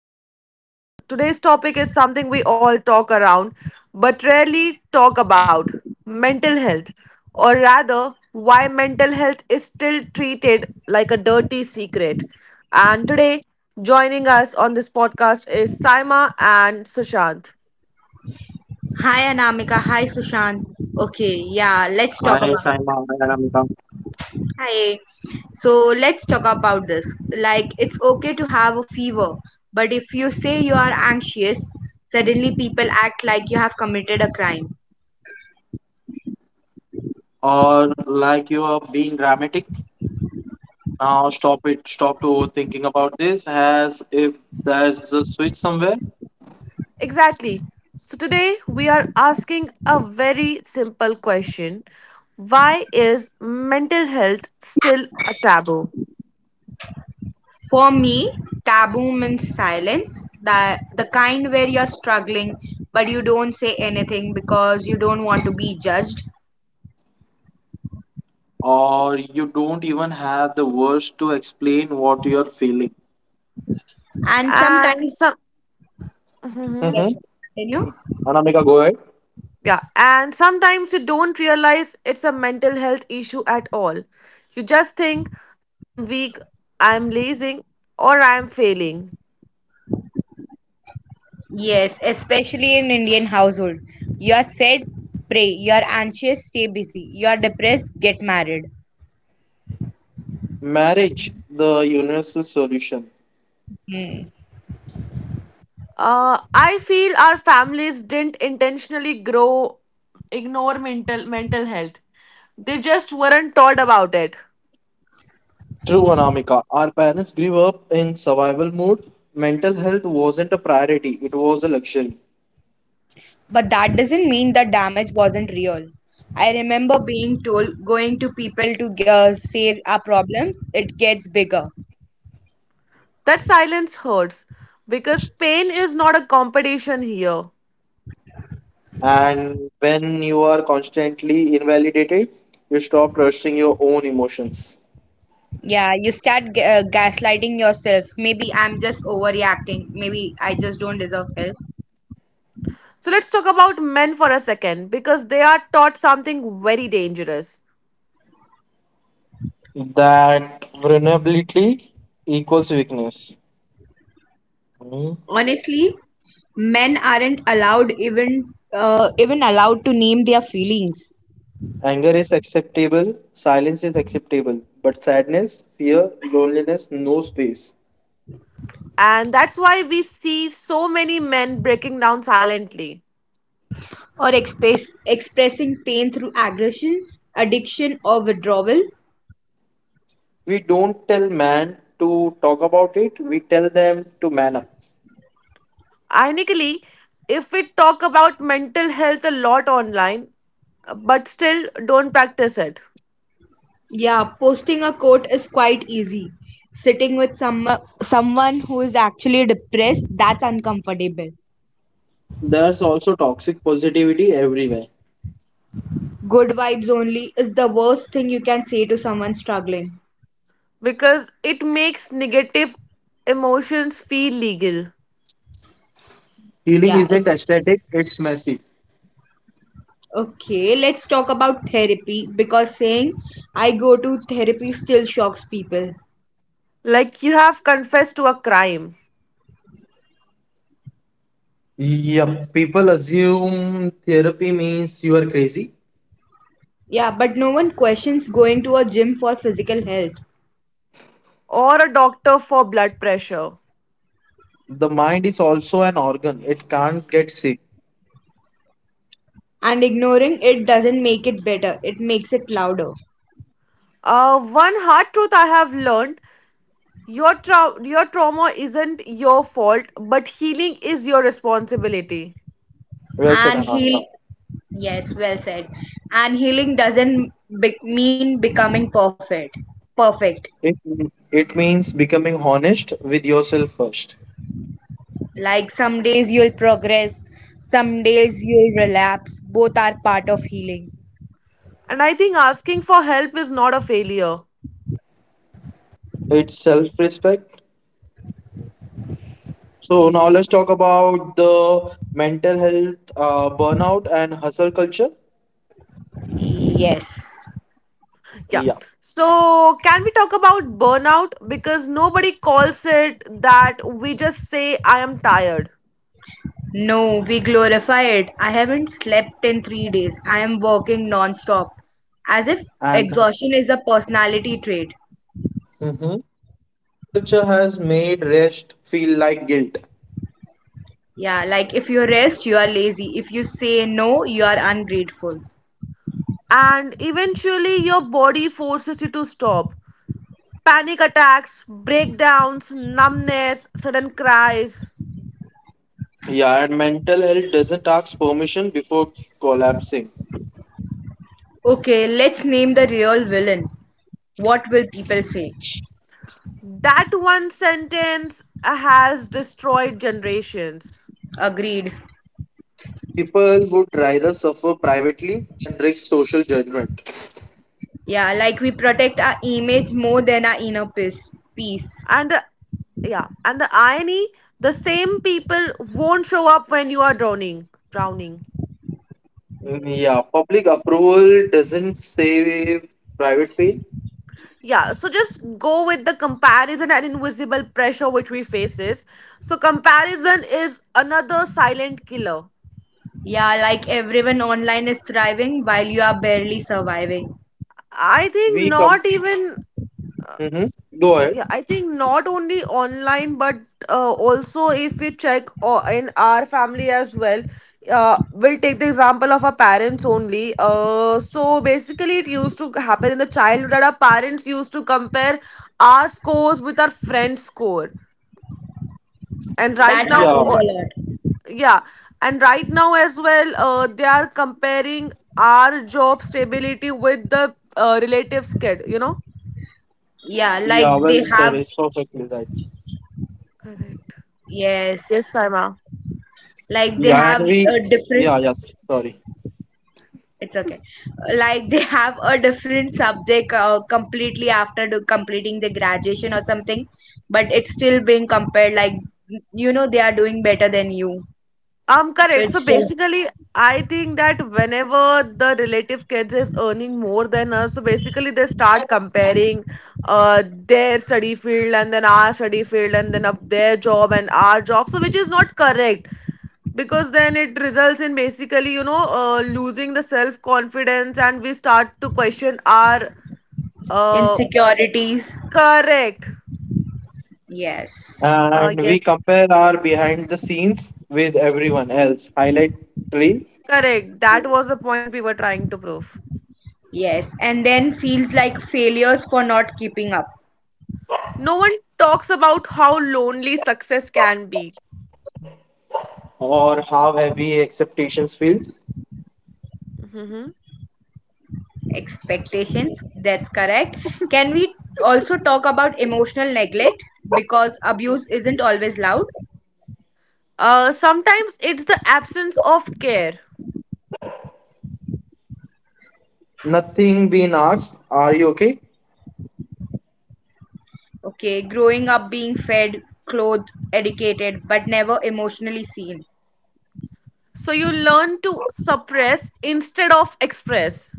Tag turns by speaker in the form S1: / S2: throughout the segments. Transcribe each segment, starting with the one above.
S1: back to our podcast. Today's topic is something we all talk around but rarely talk about mental health, or rather, why mental health is still treated like a dirty secret. And today, joining us on this podcast is Saima and Sushant.
S2: Hi Anamika, hi Sushant. Okay, yeah,
S3: Hi,
S2: let's talk
S3: Saima,
S2: about.
S3: hi, Anamika.
S2: Hi. So let's talk about this. Like it's okay to have a fever, but if you say you are anxious, suddenly people act like you have committed a crime.
S3: Or like you are being dramatic. Now stop it. Stop to overthinking about this as if there's a switch somewhere,
S1: Exactly. So, today we are asking a very simple question. Why is mental health still a taboo?
S2: For me, taboo means silence, that the kind where you're struggling but you don't say anything because you don't want to be judged.
S3: or you don't even have the words to explain what you're feeling.
S2: And
S1: And
S2: sometimes,
S1: some hmm.
S2: yes, yes, continue.
S3: Anamika, right?
S1: Yeah, and sometimes you don't realize it's a mental health issue at all. You just think, I'm weak, I'm lazy, or I'm failing.
S2: Yes, especially in Indian household. You are sad, pray. You are anxious, stay busy. You are depressed, get married.
S3: Marriage, the universal solution.
S2: Hmm.
S1: I feel our families didn't intentionally grow, ignore mental health. They just weren't taught about it.
S3: True, Anamika. Our parents grew up in survival mode. Mental health wasn't a priority, it was a luxury.
S2: But that doesn't mean the damage wasn't real. I remember being told going to people to say our problems, it gets bigger.
S1: That silence hurts because pain is not a competition here.
S3: And when you are constantly invalidated, you stop trusting your own emotions.
S2: Yeah, you start gaslighting yourself. Maybe I'm just overreacting. Maybe I just don't deserve help.
S1: So let's talk about men for a second because they are taught something very dangerous.
S3: That vulnerability equals weakness. Hmm.
S2: Honestly, men aren't allowed even even allowed to name their feelings.
S3: Anger is acceptable, silence is acceptable, but sadness, fear, loneliness, no space.
S1: And that's why we see so many men breaking down silently.
S2: Or expressing pain through aggression, addiction, or withdrawal.
S3: We don't tell man to talk about it, we tell them to man up.
S1: Ironically, if we talk about mental health a lot online, but still don't practice it
S2: Yeah, posting a quote is quite easy. Sitting with someone who is actually depressed, that's uncomfortable.
S3: There's also toxic positivity everywhere.
S2: Good vibes only is the worst thing you can say to someone struggling.
S1: because it makes negative emotions feel legal.
S3: Healing
S2: Yeah,
S3: isn't
S2: it's
S3: aesthetic, it's messy.
S2: okay. Let's talk about therapy because saying I go to therapy still shocks people.
S1: Like you have confessed to a crime
S3: Yep, people assume therapy means you are crazy.
S2: Yeah, but no one questions going to a gym for physical health.
S1: or a doctor for blood pressure.
S3: The mind is also an organ. It can't get sick.
S2: And ignoring it doesn't make it better, it makes it louder.
S1: One hard truth I have learned, your trauma isn't your fault, but healing is your responsibility.
S3: Well said,
S2: And heal
S3: Anamika.
S2: Yes, well said. And healing doesn't mean becoming perfect.
S3: It, it means becoming honest with yourself first.
S2: Like some days you'll progress, some days you'll relapse. Both are part of healing.
S1: And I think asking for help is not a failure.
S3: It's self-respect. So now let's talk about the mental health, burnout and hustle culture.
S2: Yes.
S1: Yeah.
S3: Yeah.
S1: So, can we talk about burnout? Because nobody calls it that. We just say, I am tired.
S2: No, we glorify it. I haven't slept in 3 days. I am working non-stop as if
S3: And
S2: exhaustion is a personality trait.
S3: mhm. Hustle culture has made rest feel like guilt.
S2: Yeah, like if you rest, you are lazy. If you say no, you are ungrateful.
S1: And eventually, your body forces you to stop. Panic attacks, breakdowns, numbness, sudden cries.
S3: Yeah, and mental health doesn't ask permission before collapsing.
S2: Okay, let's name the real villain. What will people say?
S1: That one sentence has destroyed generations.
S2: Agreed.
S3: People would rather suffer privately than risk social judgment.
S2: Yeah, like we protect our image more than our inner peace.
S1: And the yeah and the irony, the same people won't show up when you are drowning.
S3: Mm, yeah, public approval doesn't save private pain.
S1: Yeah, so just go with the comparison and invisible pressure which we faces. So comparison is another silent killer.
S2: Yeah, like everyone online is thriving while you are barely surviving.
S1: I think
S3: We come.
S1: not even.
S3: Hmm. Go ahead.
S1: Yeah, I think not only online but also if we check in our family as well. We'll take the example of our parents only. So basically, it used to happen in the childhood that our parents used to compare our scores with our friends' score and right
S2: That
S1: now
S3: Yeah,
S2: happens a lot.
S1: yeah and right now as well they are comparing our job stability with the relatives kid, you know.
S2: Yeah, like
S3: yeah, well
S2: they
S3: said.
S2: have,
S3: It's perfectly right.
S1: Correct,
S2: yes,
S1: yes Saima.
S2: like they
S3: Yeah, and
S2: have a different,
S3: yeah, yes, sorry.
S2: it's okay, like they have a different subject, completely after completing the graduation or something, but it's still being compared, like they are doing better than you. So
S1: Correct,
S2: it's
S1: so
S2: still
S1: basically I think that whenever the relative kids is earning more than us so basically they start comparing their study field and then our study field and then up their job and our job, so which is not correct because then it results in basically you know losing the self confidence and we start to question our uh,
S2: insecurities.
S1: correct.
S2: Yes,
S3: And we
S1: Yes,
S3: compare our behind the scenes with everyone else, highlight reel
S1: correct, that was the point we were trying to prove.
S2: yes. And then feels like failures for not keeping up.
S1: No one talks about how lonely success can be.
S3: or how heavy expectations feel.
S1: Mhm.
S2: Expectations, that's correct. Can we also talk about emotional neglect because abuse isn't always loud?
S1: Sometimes it's the absence of care,
S3: Nothing being asked, are you okay?
S2: Okay, growing up being fed, clothed, educated, but never emotionally seen.
S1: so you learn to suppress instead of express.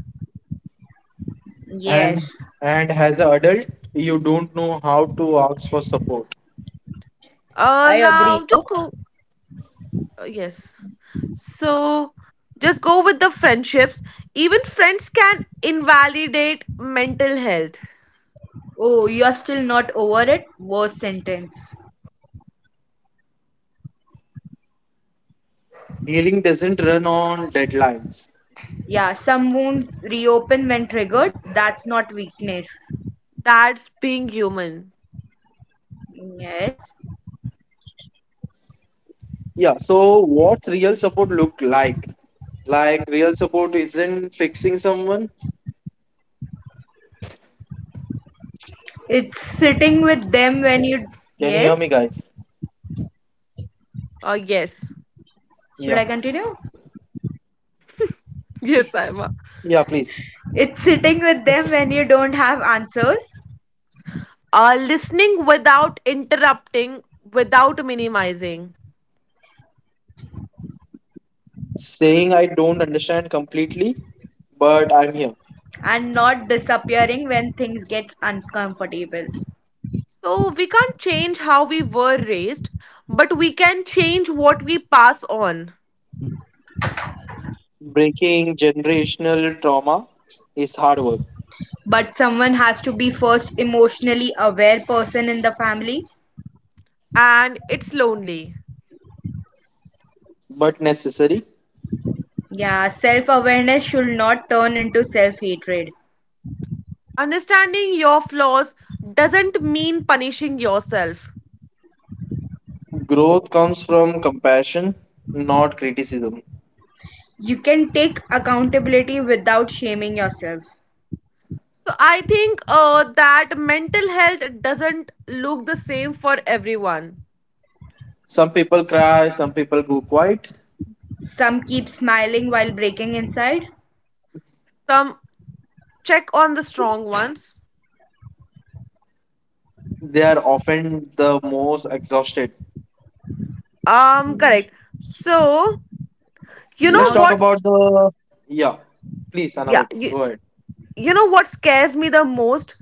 S2: Yes,
S3: And and as an adult, you don't know how to ask for support.
S2: I agree.
S1: Now
S2: Huh?
S1: just go yes. So just go with the friendships. Even friends can invalidate mental health.
S2: Oh, you are still not over it? Worst sentence.
S3: Healing doesn't run on deadlines.
S2: Yeah, some wounds reopen when triggered. That's not weakness.
S1: That's being human.
S2: Yes.
S3: Yeah, so what's real support look like? Like real support isn't fixing someone.
S2: It's sitting with them when
S3: Can you
S2: you.
S3: hear me guys?
S2: Yes?
S1: Yes.
S3: Yeah.
S2: Should I continue?
S1: Yes, Ima.
S3: Yeah, please.
S2: It's sitting with them when you don't have answers
S1: Listening without interrupting, without minimizing.
S3: Saying I don't understand completely, but I'm here.
S2: and not disappearing when things get uncomfortable.
S1: So we can't change how we were raised, but we can change what we pass on.
S3: Breaking generational trauma is hard work,
S2: But someone has to be first emotionally aware person in the family.
S1: And it's lonely.
S3: but necessary.
S2: Yeah, self awareness should not turn into self hatred.
S1: Understanding your flaws doesn't mean punishing yourself.
S3: Growth comes from compassion, not criticism.
S2: You can take accountability without shaming yourself.
S1: So I think that mental health doesn't look the same for everyone.
S3: Some people cry, some people go quiet.
S2: Some keep smiling while breaking inside.
S1: Some check on the strong ones.
S3: They are often the most exhausted.
S1: Correct. So you
S3: Let's
S1: know
S2: Now.
S3: talk about
S1: what's
S3: the. Yeah, please,
S1: yeah
S3: Anamika,
S1: you,
S3: go ahead.
S1: you know what scares me the most?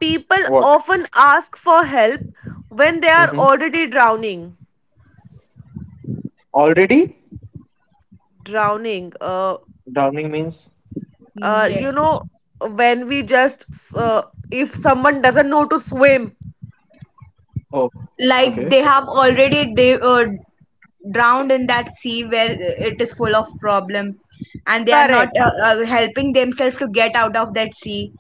S1: People
S3: What?
S1: often ask for help when they are
S3: Mm-hmm.
S1: already drowning.
S3: Already?
S1: Drowning.
S3: Drowning means.
S2: Yeah,
S1: You know, when we just uh, if someone doesn't know to swim.
S3: Oh,
S2: like
S3: okay.
S2: they have already they drowned in that sea where it is full of problem, and they are not
S1: Correct.
S2: helping themselves to get out of that sea,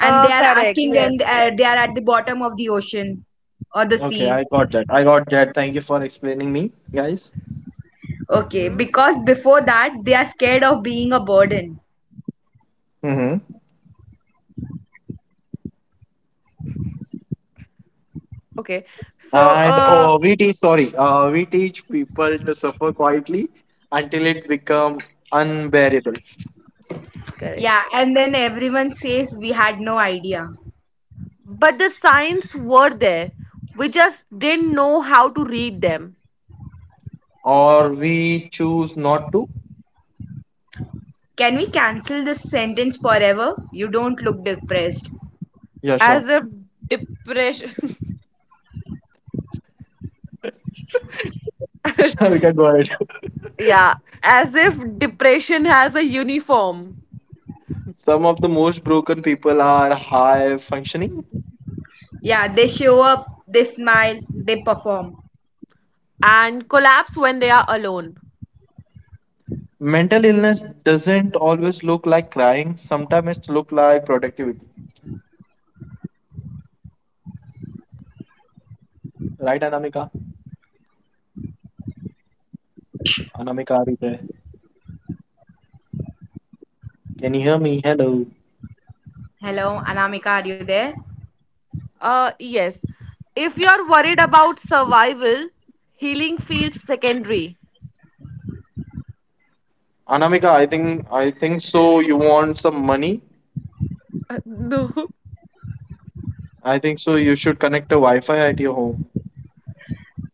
S2: and they are
S1: Correct.
S2: asking when
S1: Yes.
S2: they are at the bottom of the ocean or the
S3: Okay,
S2: sea.
S3: I got that. I got that. Thank you for explaining me, guys.
S2: Okay,
S1: Mhm.
S2: because before that they are scared of being a burden.
S3: Mm-hmm.
S1: Okay. So,
S3: And oh, we teach, sorry, we teach people to suffer quietly until it become unbearable.
S1: correct.
S2: Yeah, and then everyone says we had no idea.
S1: But the signs were there. We just didn't know how to read them.
S3: Or we choose not to.
S2: Can we cancel this sentence forever? You don't look depressed.
S3: Yeah, sure.
S1: As if. Depression.
S3: We can go ahead.
S1: Yeah, as if depression has a uniform
S3: Some of the most broken people are high functioning.
S2: Yeah, they show up, they smile, they perform.
S1: and collapse when they are alone.
S3: Mental illness doesn't always look like crying. Sometimes it look like productivity. Right, Anamika? Anamika, are you there? Can you hear me? Hello.
S2: Hello, Anamika, are you there?
S1: Yes. If you're worried about survival, healing feels secondary.
S3: Anamika, I think so. You want some money?
S1: No.
S3: I think so. You should connect a Wi-Fi at your home.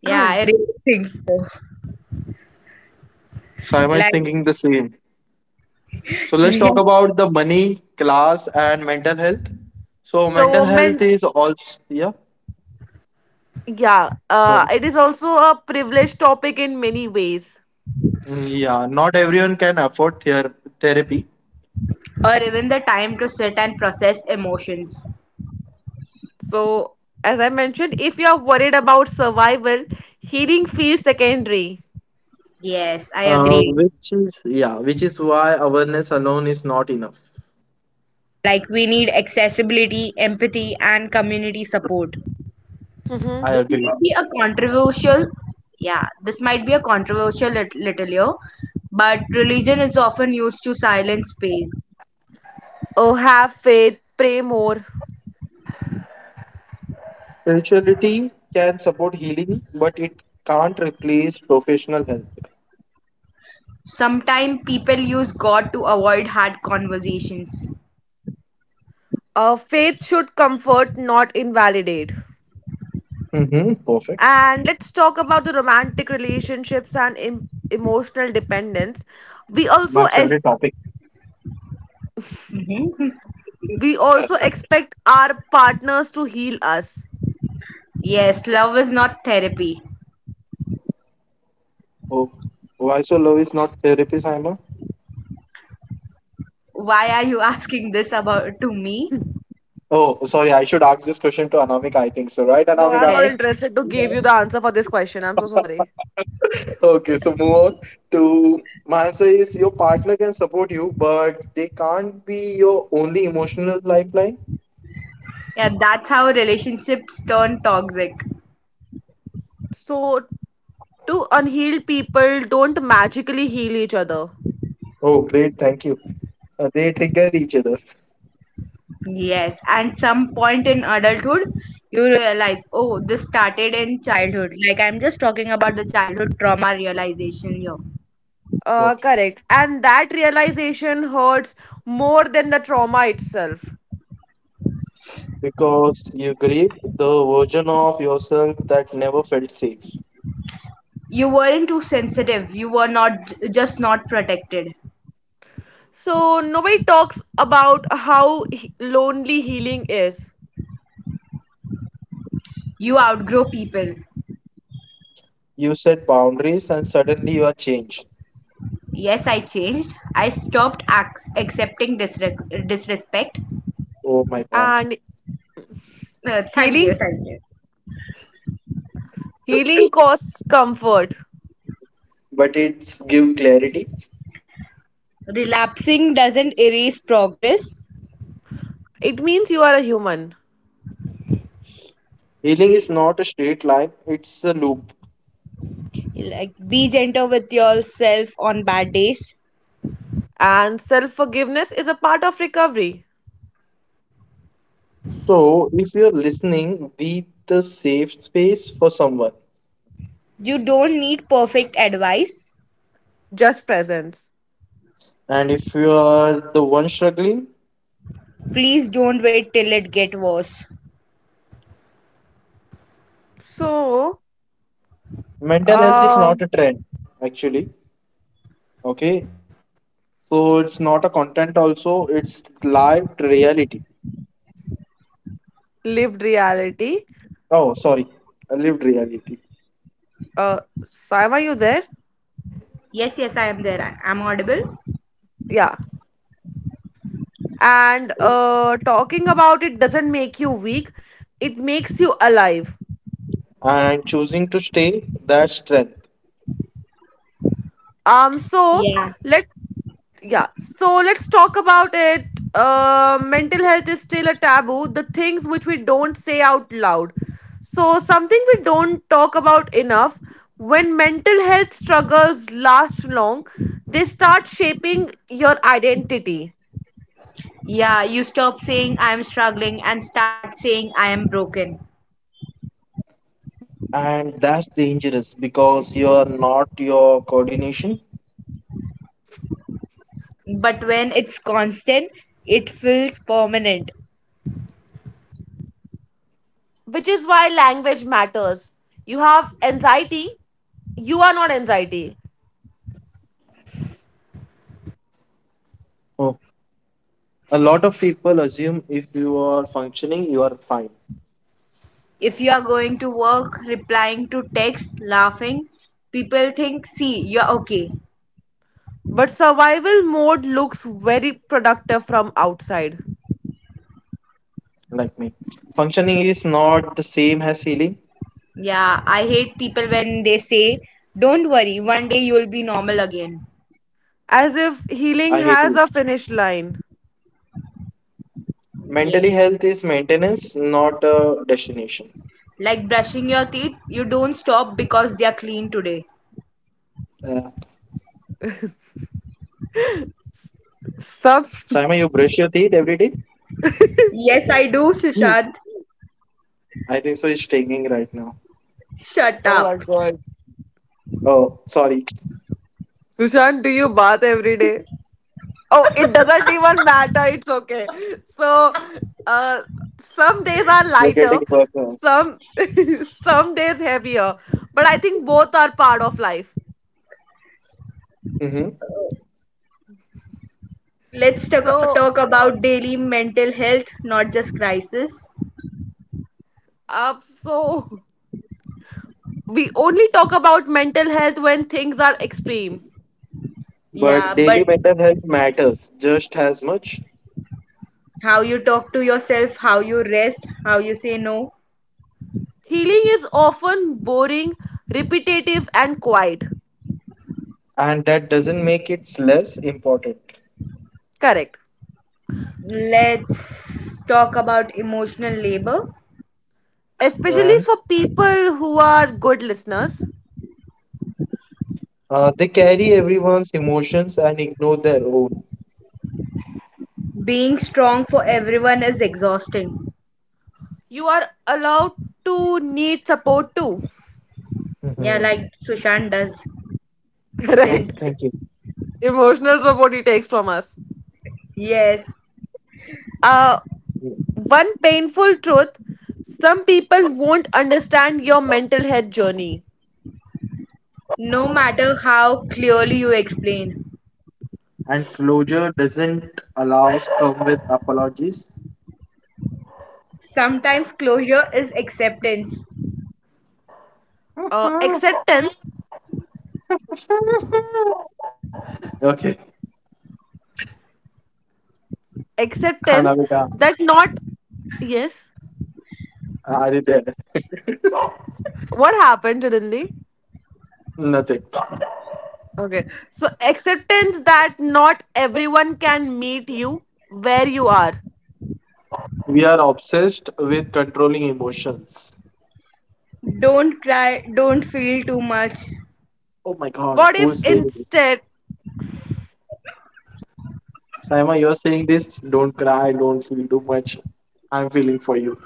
S2: Yeah, I really think so.
S3: Saima is
S2: Like
S3: thinking the same. So let's
S2: yeah.
S3: talk about the money, class, and mental health. So mental
S1: So,
S3: health
S1: men,
S3: is also yeah.
S1: yeah, it is also a privileged topic in many ways.
S3: Mm, yeah, not everyone can afford therapy,
S2: Or even the time to sit and process emotions.
S1: So, as I mentioned, if you are worried about survival, healing feels secondary.
S2: Yes, I agree.
S3: which is yeah, which is why awareness alone is not enough.
S2: Like we need accessibility, empathy, and community support.
S3: I
S1: Mm-hmm.
S2: this
S3: agree.
S2: might be a controversial yeah this might be a controversial little here, but religion is often used to silence pain.
S1: Oh, have faith, pray more.
S3: Spirituality can support healing, but it can't replace professional help.
S2: Sometimes people use God to avoid hard conversations.
S1: Faith should comfort, not invalidate.
S3: Mm-hmm. Perfect.
S1: And let's talk about the romantic relationships and emotional dependence. We
S3: My
S1: also ex-
S3: favorite topic.
S2: Hmm.
S1: we also expect our partners to heal us.
S2: Yes, love is not therapy.
S3: Oh, why so low is not therapy, Saima?
S2: Why are you asking this about to me?
S3: Oh, sorry, I should ask this question to Anamika. I think so, right,
S1: No, I'm not
S3: Anamika?
S2: Yes,
S1: interested to give you the
S2: yes.
S1: answer for this question. I'm so sorry.
S3: Okay, so move on to my answer is your partner can support you, but they can't be your only emotional lifeline.
S2: Yeah, that's how relationships turn toxic.
S1: So, two unhealed people don't magically heal each other.
S3: Oh, great, thank you. They trigger each other.
S2: Yes, and some point in adulthood, you realize, oh, this started in childhood. Like I'm just talking about the childhood trauma realization here.
S3: Oh,
S1: Correct. And that realization hurts more than the trauma itself.
S3: because you grieve the version of yourself that never felt safe.
S2: You weren't too sensitive. You were not just not protected.
S1: So, nobody talks about how lonely healing is.
S2: You outgrow people.
S3: You set boundaries and suddenly you are changed.
S2: Yes, I changed. I stopped accepting disrespect.
S3: Oh my God.
S1: And
S2: Thank you,
S1: healing
S2: thank you.
S1: healing costs comfort.
S3: But it's give clarity.
S2: Relapsing doesn't erase progress.
S1: It means you are a human.
S3: Healing is not a straight line, it's a loop.
S2: Like, be gentle with yourself on bad days.
S1: And self-forgiveness is a part of recovery,
S3: So if you're listening, be the safe space for someone.
S2: You don't need perfect advice.
S1: just presence.
S3: And if you are the one struggling,
S2: Please don't wait till it get worse.
S1: So,
S3: mental health is
S1: uh,
S3: not a trend, actually. Okay. So it's not a content, also, it's lived reality.
S1: lived reality.
S3: Oh, sorry, a lived reality.
S1: Sam, are you there?
S2: Yes, yes, I am there. I am audible.
S1: Yeah. and
S2: Oh,
S1: uh, talking about it doesn't make you weak, it makes you alive.
S3: And choosing to stay, that's strength.
S1: um so
S2: yeah.
S1: let yeah so let's talk about it. Mental health is still a taboo, the things which we don't say out loud, so something we don't talk about enough. When mental health struggles last long, they start shaping your identity,
S2: Yeah, you stop saying I am struggling and start saying I am broken.
S3: And that's dangerous because you are not your coordination.
S2: But when it's constant, it feels permanent.
S1: which is why language matters. You have anxiety, you are not anxiety.
S3: Oh. A lot of people assume if you are functioning, you are fine,
S2: If you are going to work, replying to texts, laughing, people think, see, you're okay.
S1: But survival mode looks very productive from outside,
S3: like me. Functioning is not the same as healing.
S2: Yeah, I hate people when they say, don't worry, one day you'll be normal again.
S1: as if
S3: I
S1: healing
S3: hate you.
S1: has a finish line.
S3: Mentally
S2: Yes.
S3: health is maintenance, not a destination.
S2: Like brushing your teeth, you don't stop because they are clean today.
S3: Uh,
S1: Some.
S3: Saima, you brush your teeth every day?
S2: Yes, I do, Sushant.
S3: I think so. It's taking right now.
S2: Shut up.
S1: God.
S3: Oh, sorry.
S1: Sushant, do you bath every day? Oh, it doesn't even matter. It's okay. So, uh, some days are
S3: You're
S1: lighter,
S3: getting personal.
S1: some some days heavier, but I think both are part of life.
S3: Mm-hmm.
S2: Let's
S1: So,
S2: talk about daily mental health, not just crisis.
S1: so we only talk about mental health when things are extreme.
S2: Yeah,
S3: But daily
S2: but
S3: mental health matters just as much,
S2: how you talk to yourself, how you rest, how you say no.
S1: Healing is often boring, repetitive, and quiet.
S3: and that doesn't make it less important.
S1: Correct.
S2: Let's talk about emotional labor.
S1: Especially
S3: And
S1: for people who are good listeners.
S3: they carry everyone's emotions and ignore their own.
S2: Being strong for everyone is exhausting.
S1: You are allowed to need support too.
S2: Yeah,
S3: Hmm.
S2: like Sushant does.
S3: Oh,
S2: Since,
S1: Correct.
S3: thank you.
S1: Emotional support he takes from us.
S2: yes,
S1: Uh,
S3: Yeah.
S1: One painful truth, some people won't understand your mental health journey.
S2: no matter how clearly you explain,
S3: And closure doesn't allow us come with apologies.
S2: sometimes closure is acceptance.
S1: Acceptance,
S3: Okay.
S1: acceptance
S3: Hanabita,
S1: that not Yes.
S3: are you there?
S1: What happened, Rindy?
S3: Nothing.
S1: Okay. So acceptance that not everyone can meet you where you are.
S3: We are obsessed with controlling emotions.
S2: Don't cry, don't feel too much.
S3: Oh my god,
S1: What if
S3: who's saying this?
S1: instead
S3: Saima, you're saying this? Don't cry, don't feel too much. I'm feeling for you.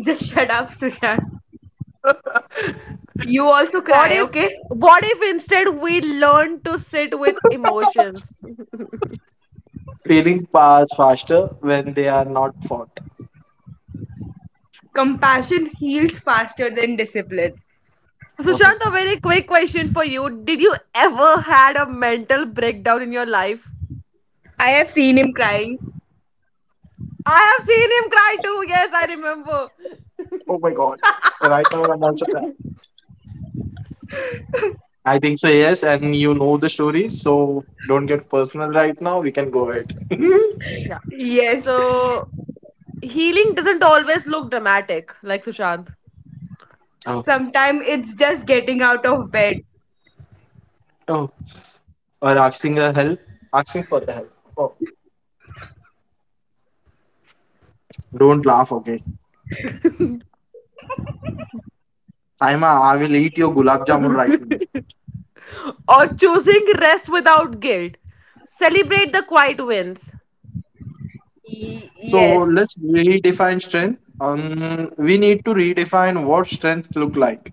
S2: Just shut up, Sushan. You also
S1: what
S2: cry,
S1: if
S2: okay?
S1: what if instead we learn to sit with emotions?
S3: Feeling pass faster when they are not fought.
S2: Compassion heals faster than discipline.
S3: Mhm.
S1: Sushant, a very quick question for you. Did you ever had a mental breakdown in your life?
S2: I have seen him crying.
S1: I have seen him cry too. Yes, I remember.
S3: Oh my god. Right now I'm also crying. I think so, yes, and you know the story, so don't get personal right now. We can go ahead.
S1: Yeah.
S2: Yes.
S1: So healing doesn't always look dramatic like Sushant.
S3: Oh.
S2: Sometimes it's just getting out of bed.
S3: Oh. Or asking her help. Asking for the help. Oh. Don't laugh, okay? Saima, I will eat your gulab jamun right now.
S1: Or choosing rest without guilt. Celebrate the quiet wins.
S3: So
S2: Yes.
S3: let's redefine strength. We need to redefine what strength look like.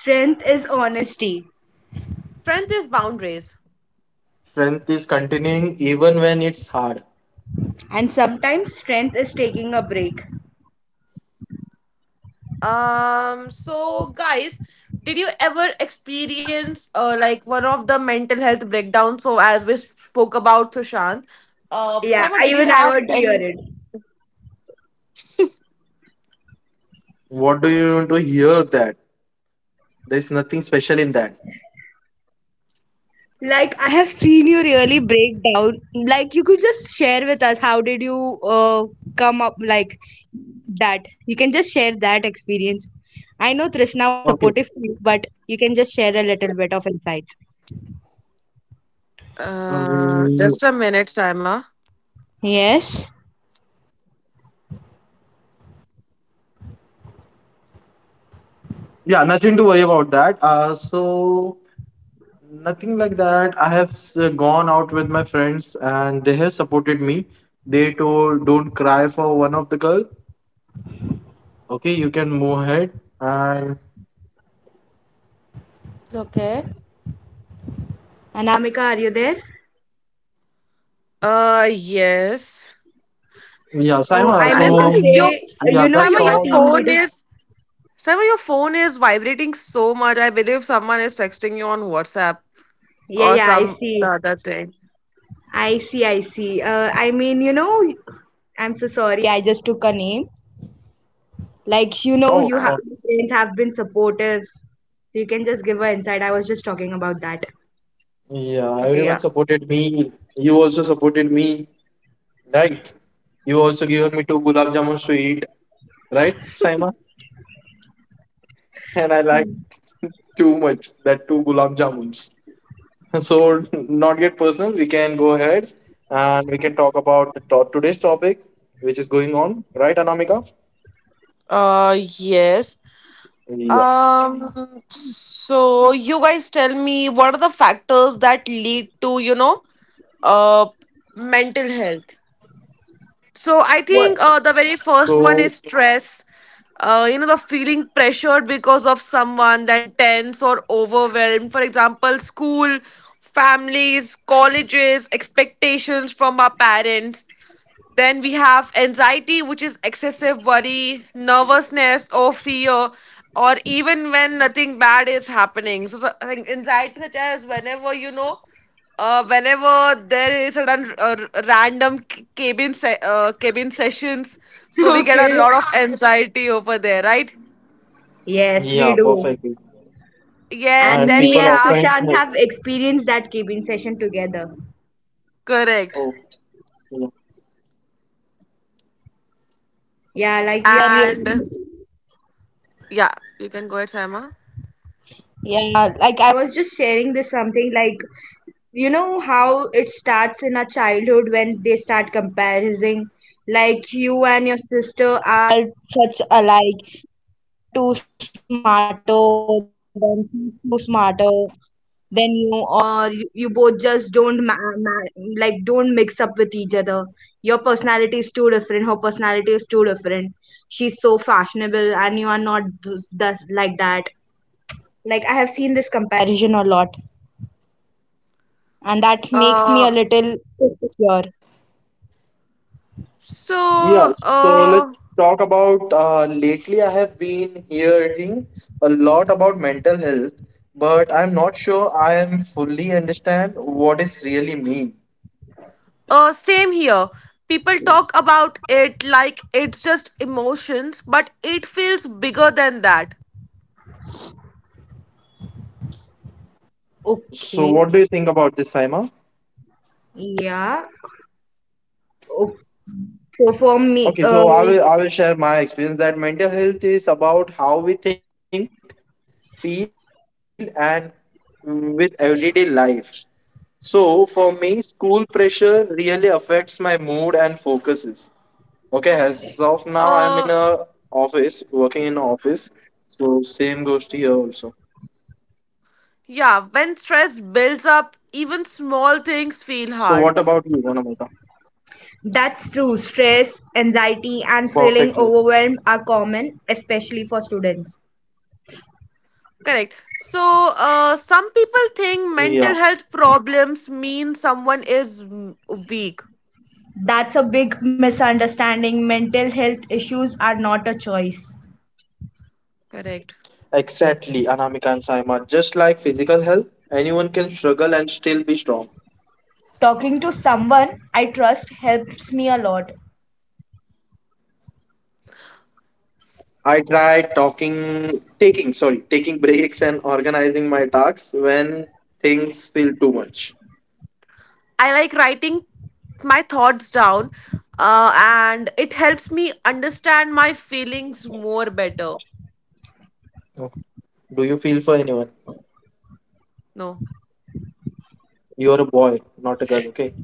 S2: Strength is honesty.
S1: Strength is boundaries.
S3: Strength is continuing even when it's hard.
S2: And sometimes strength is taking a break.
S1: So guys, did you ever experience like one of the mental health breakdowns? So as we spoke about Sushant,
S2: Yeah,
S1: Saima, did you
S2: even I
S1: have
S2: want to hear
S1: any?
S2: it.
S3: What do you want to hear that? There's nothing special in that.
S2: Like I have seen you really break down. Like you could just share with us how did you come up like that. You can just share that experience. I know Trishna was
S3: Okay.
S2: supportive to you, but you can just share a little bit of insights.
S3: Um,
S1: Just a minute, Saima.
S2: Yes.
S3: yeah, nothing to worry about that. So nothing like that. I have gone out with my friends and they have supported me. They told, don't cry for one of the girl. Okay, you can move ahead. And
S2: Okay. Anamika, are you there?
S1: Yes.
S3: yeah,
S2: Oh,
S3: Saima.
S2: I mean to
S3: So,
S1: Saima, your
S2: say,
S3: yeah, that's
S2: you
S1: Saima,
S2: are
S1: your
S3: all.
S2: team
S1: phone
S2: leader.
S1: is Saima, your phone is vibrating so much. I believe someone is texting you on WhatsApp.
S2: Yeah,
S1: Or
S2: yeah, I
S1: some the
S2: see.
S1: other thing.
S2: I see, I see. I mean, I'm so sorry. I just took a name. Like,
S3: Oh,
S1: Uh,
S3: God.
S2: your parents have been supportive. You can just give her insight. I was just talking about that.
S3: Yeah,
S1: okay,
S3: everyone
S1: yeah.
S3: supported me. You also supported me, right? You also given me two gulab jamuns to eat, right, Saima? And I like
S2: Hmm.
S3: too much that two gulab jamuns. So, not get personal. We can go ahead and we can talk about the today's topic, which is going on, right, Anamika?
S1: Yes.
S3: Yeah.
S1: So you guys tell me, what are the factors that lead to, you know, uh, mental health? So I think
S2: What?
S1: the
S3: So,
S1: very first one is stress. You know, the feeling pressured because of someone, then tense or overwhelmed. For example, school, families, colleges, expectations from our parents. Then we have anxiety, which is excessive worry, nervousness, or fear, or even when nothing bad is happening. So I think anxiety such as whenever you know, whenever there is sudden random cabin sessions, so we get a
S2: Okay.
S1: lot of anxiety over there, right?
S2: Yes,
S3: yeah,
S2: we do.
S3: perfect.
S1: Yeah.
S2: And
S3: And
S1: Then we
S2: me
S3: people
S2: and
S1: have
S3: often,
S2: Sushant have experienced that cabin session together.
S1: correct,
S3: oh, yeah.
S2: Yeah, like we are really,
S1: and yeah, you can go ahead, Sama.
S2: yeah, like I was just sharing this something like you know how it starts in our childhood when they start comparing, like you and your sister are such alike, too smarter than too smarter then you both just don't ma- ma- like don't mix up with each other, your personality is too different, her personality is too different, she's so fashionable, and you are not thus like that. Like I have seen this comparison a lot, and that makes me
S1: Uh,
S2: a little insecure.
S1: so
S3: Yeah, so let's talk about lately I have been hearing a lot about mental health, but I'm not sure I am fully understand what is really mean.
S1: uh, same here. People talk about it like it's just emotions, but it feels bigger than that.
S3: So
S2: Okay.
S3: what do you think about this, Saima?
S2: Yeah. Okay. so for me
S3: Okay, so I will share my experience that mental health is about how we think, feel, and with everyday life. So for me, school pressure really affects my mood and focuses. Okay, as of now,
S1: Uh,
S3: I'm in a office, working in office. So same goes to you also.
S1: yeah, when stress builds up, even small things feel
S3: So
S1: hard.
S3: what about you, Anamika?
S2: That's true. Stress, anxiety, and feeling
S3: Perfectly.
S2: overwhelmed are common, especially for students.
S1: Correct. So, some people think
S3: Yeah,
S1: mental health problems mean someone is mm, weak.
S2: That's a big misunderstanding. Mental health issues are not a choice.
S1: Correct.
S3: exactly, Anamika and Saima. Just like physical health, anyone can struggle and still be strong.
S2: Talking to someone I trust helps me a lot.
S3: I tried talking, taking, sorry, taking breaks and organizing my tasks when things feel too much.
S1: I like writing my thoughts down, and it helps me understand my feelings more better.
S3: Oh, do you feel for anyone?
S1: No.
S3: You're a boy, not a girl, okay?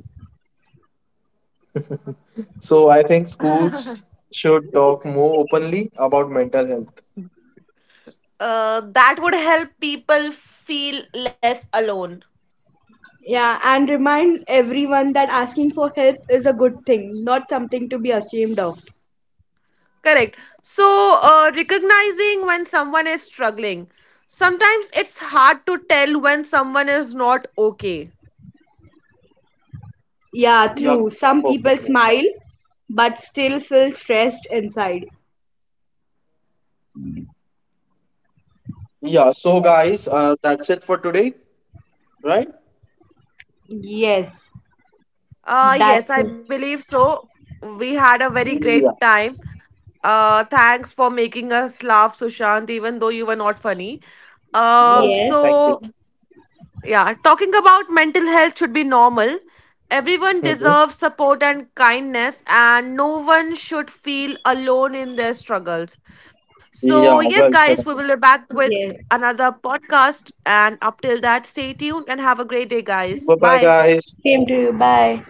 S3: So I think schools should talk more openly about mental health.
S1: That would help people feel less alone.
S2: Yeah, and remind everyone that asking for help is a good thing, not something to be ashamed of.
S1: Correct. So, recognizing when someone is struggling. Sometimes it's hard to tell when someone is not okay.
S2: Yeah,
S3: Yep,
S2: true. Some people
S3: perfectly.
S2: smile but still feel stressed inside.
S3: Yeah, so guys, that's it for today, right?
S2: Yes,
S1: Yes,
S2: that's
S1: I
S2: it.
S1: believe so. We had a very great
S3: Yeah.
S1: time. Thanks for making us laugh, Sushant, even though you were not funny.
S3: Oh,
S2: Yes,
S3: thank you.
S1: So yeah, talking about mental health should be normal. Everyone
S3: Hmm.
S1: deserves support and kindness, and no one should feel alone in their struggles. So, yes,
S3: Yeah,
S1: guys,
S3: well
S1: we
S3: said.
S1: will be back with
S2: yes.
S1: another podcast. And up till that, stay tuned and have a great day, guys.
S3: Bye bye,
S1: Bye.
S3: guys.
S2: Same to you. Bye.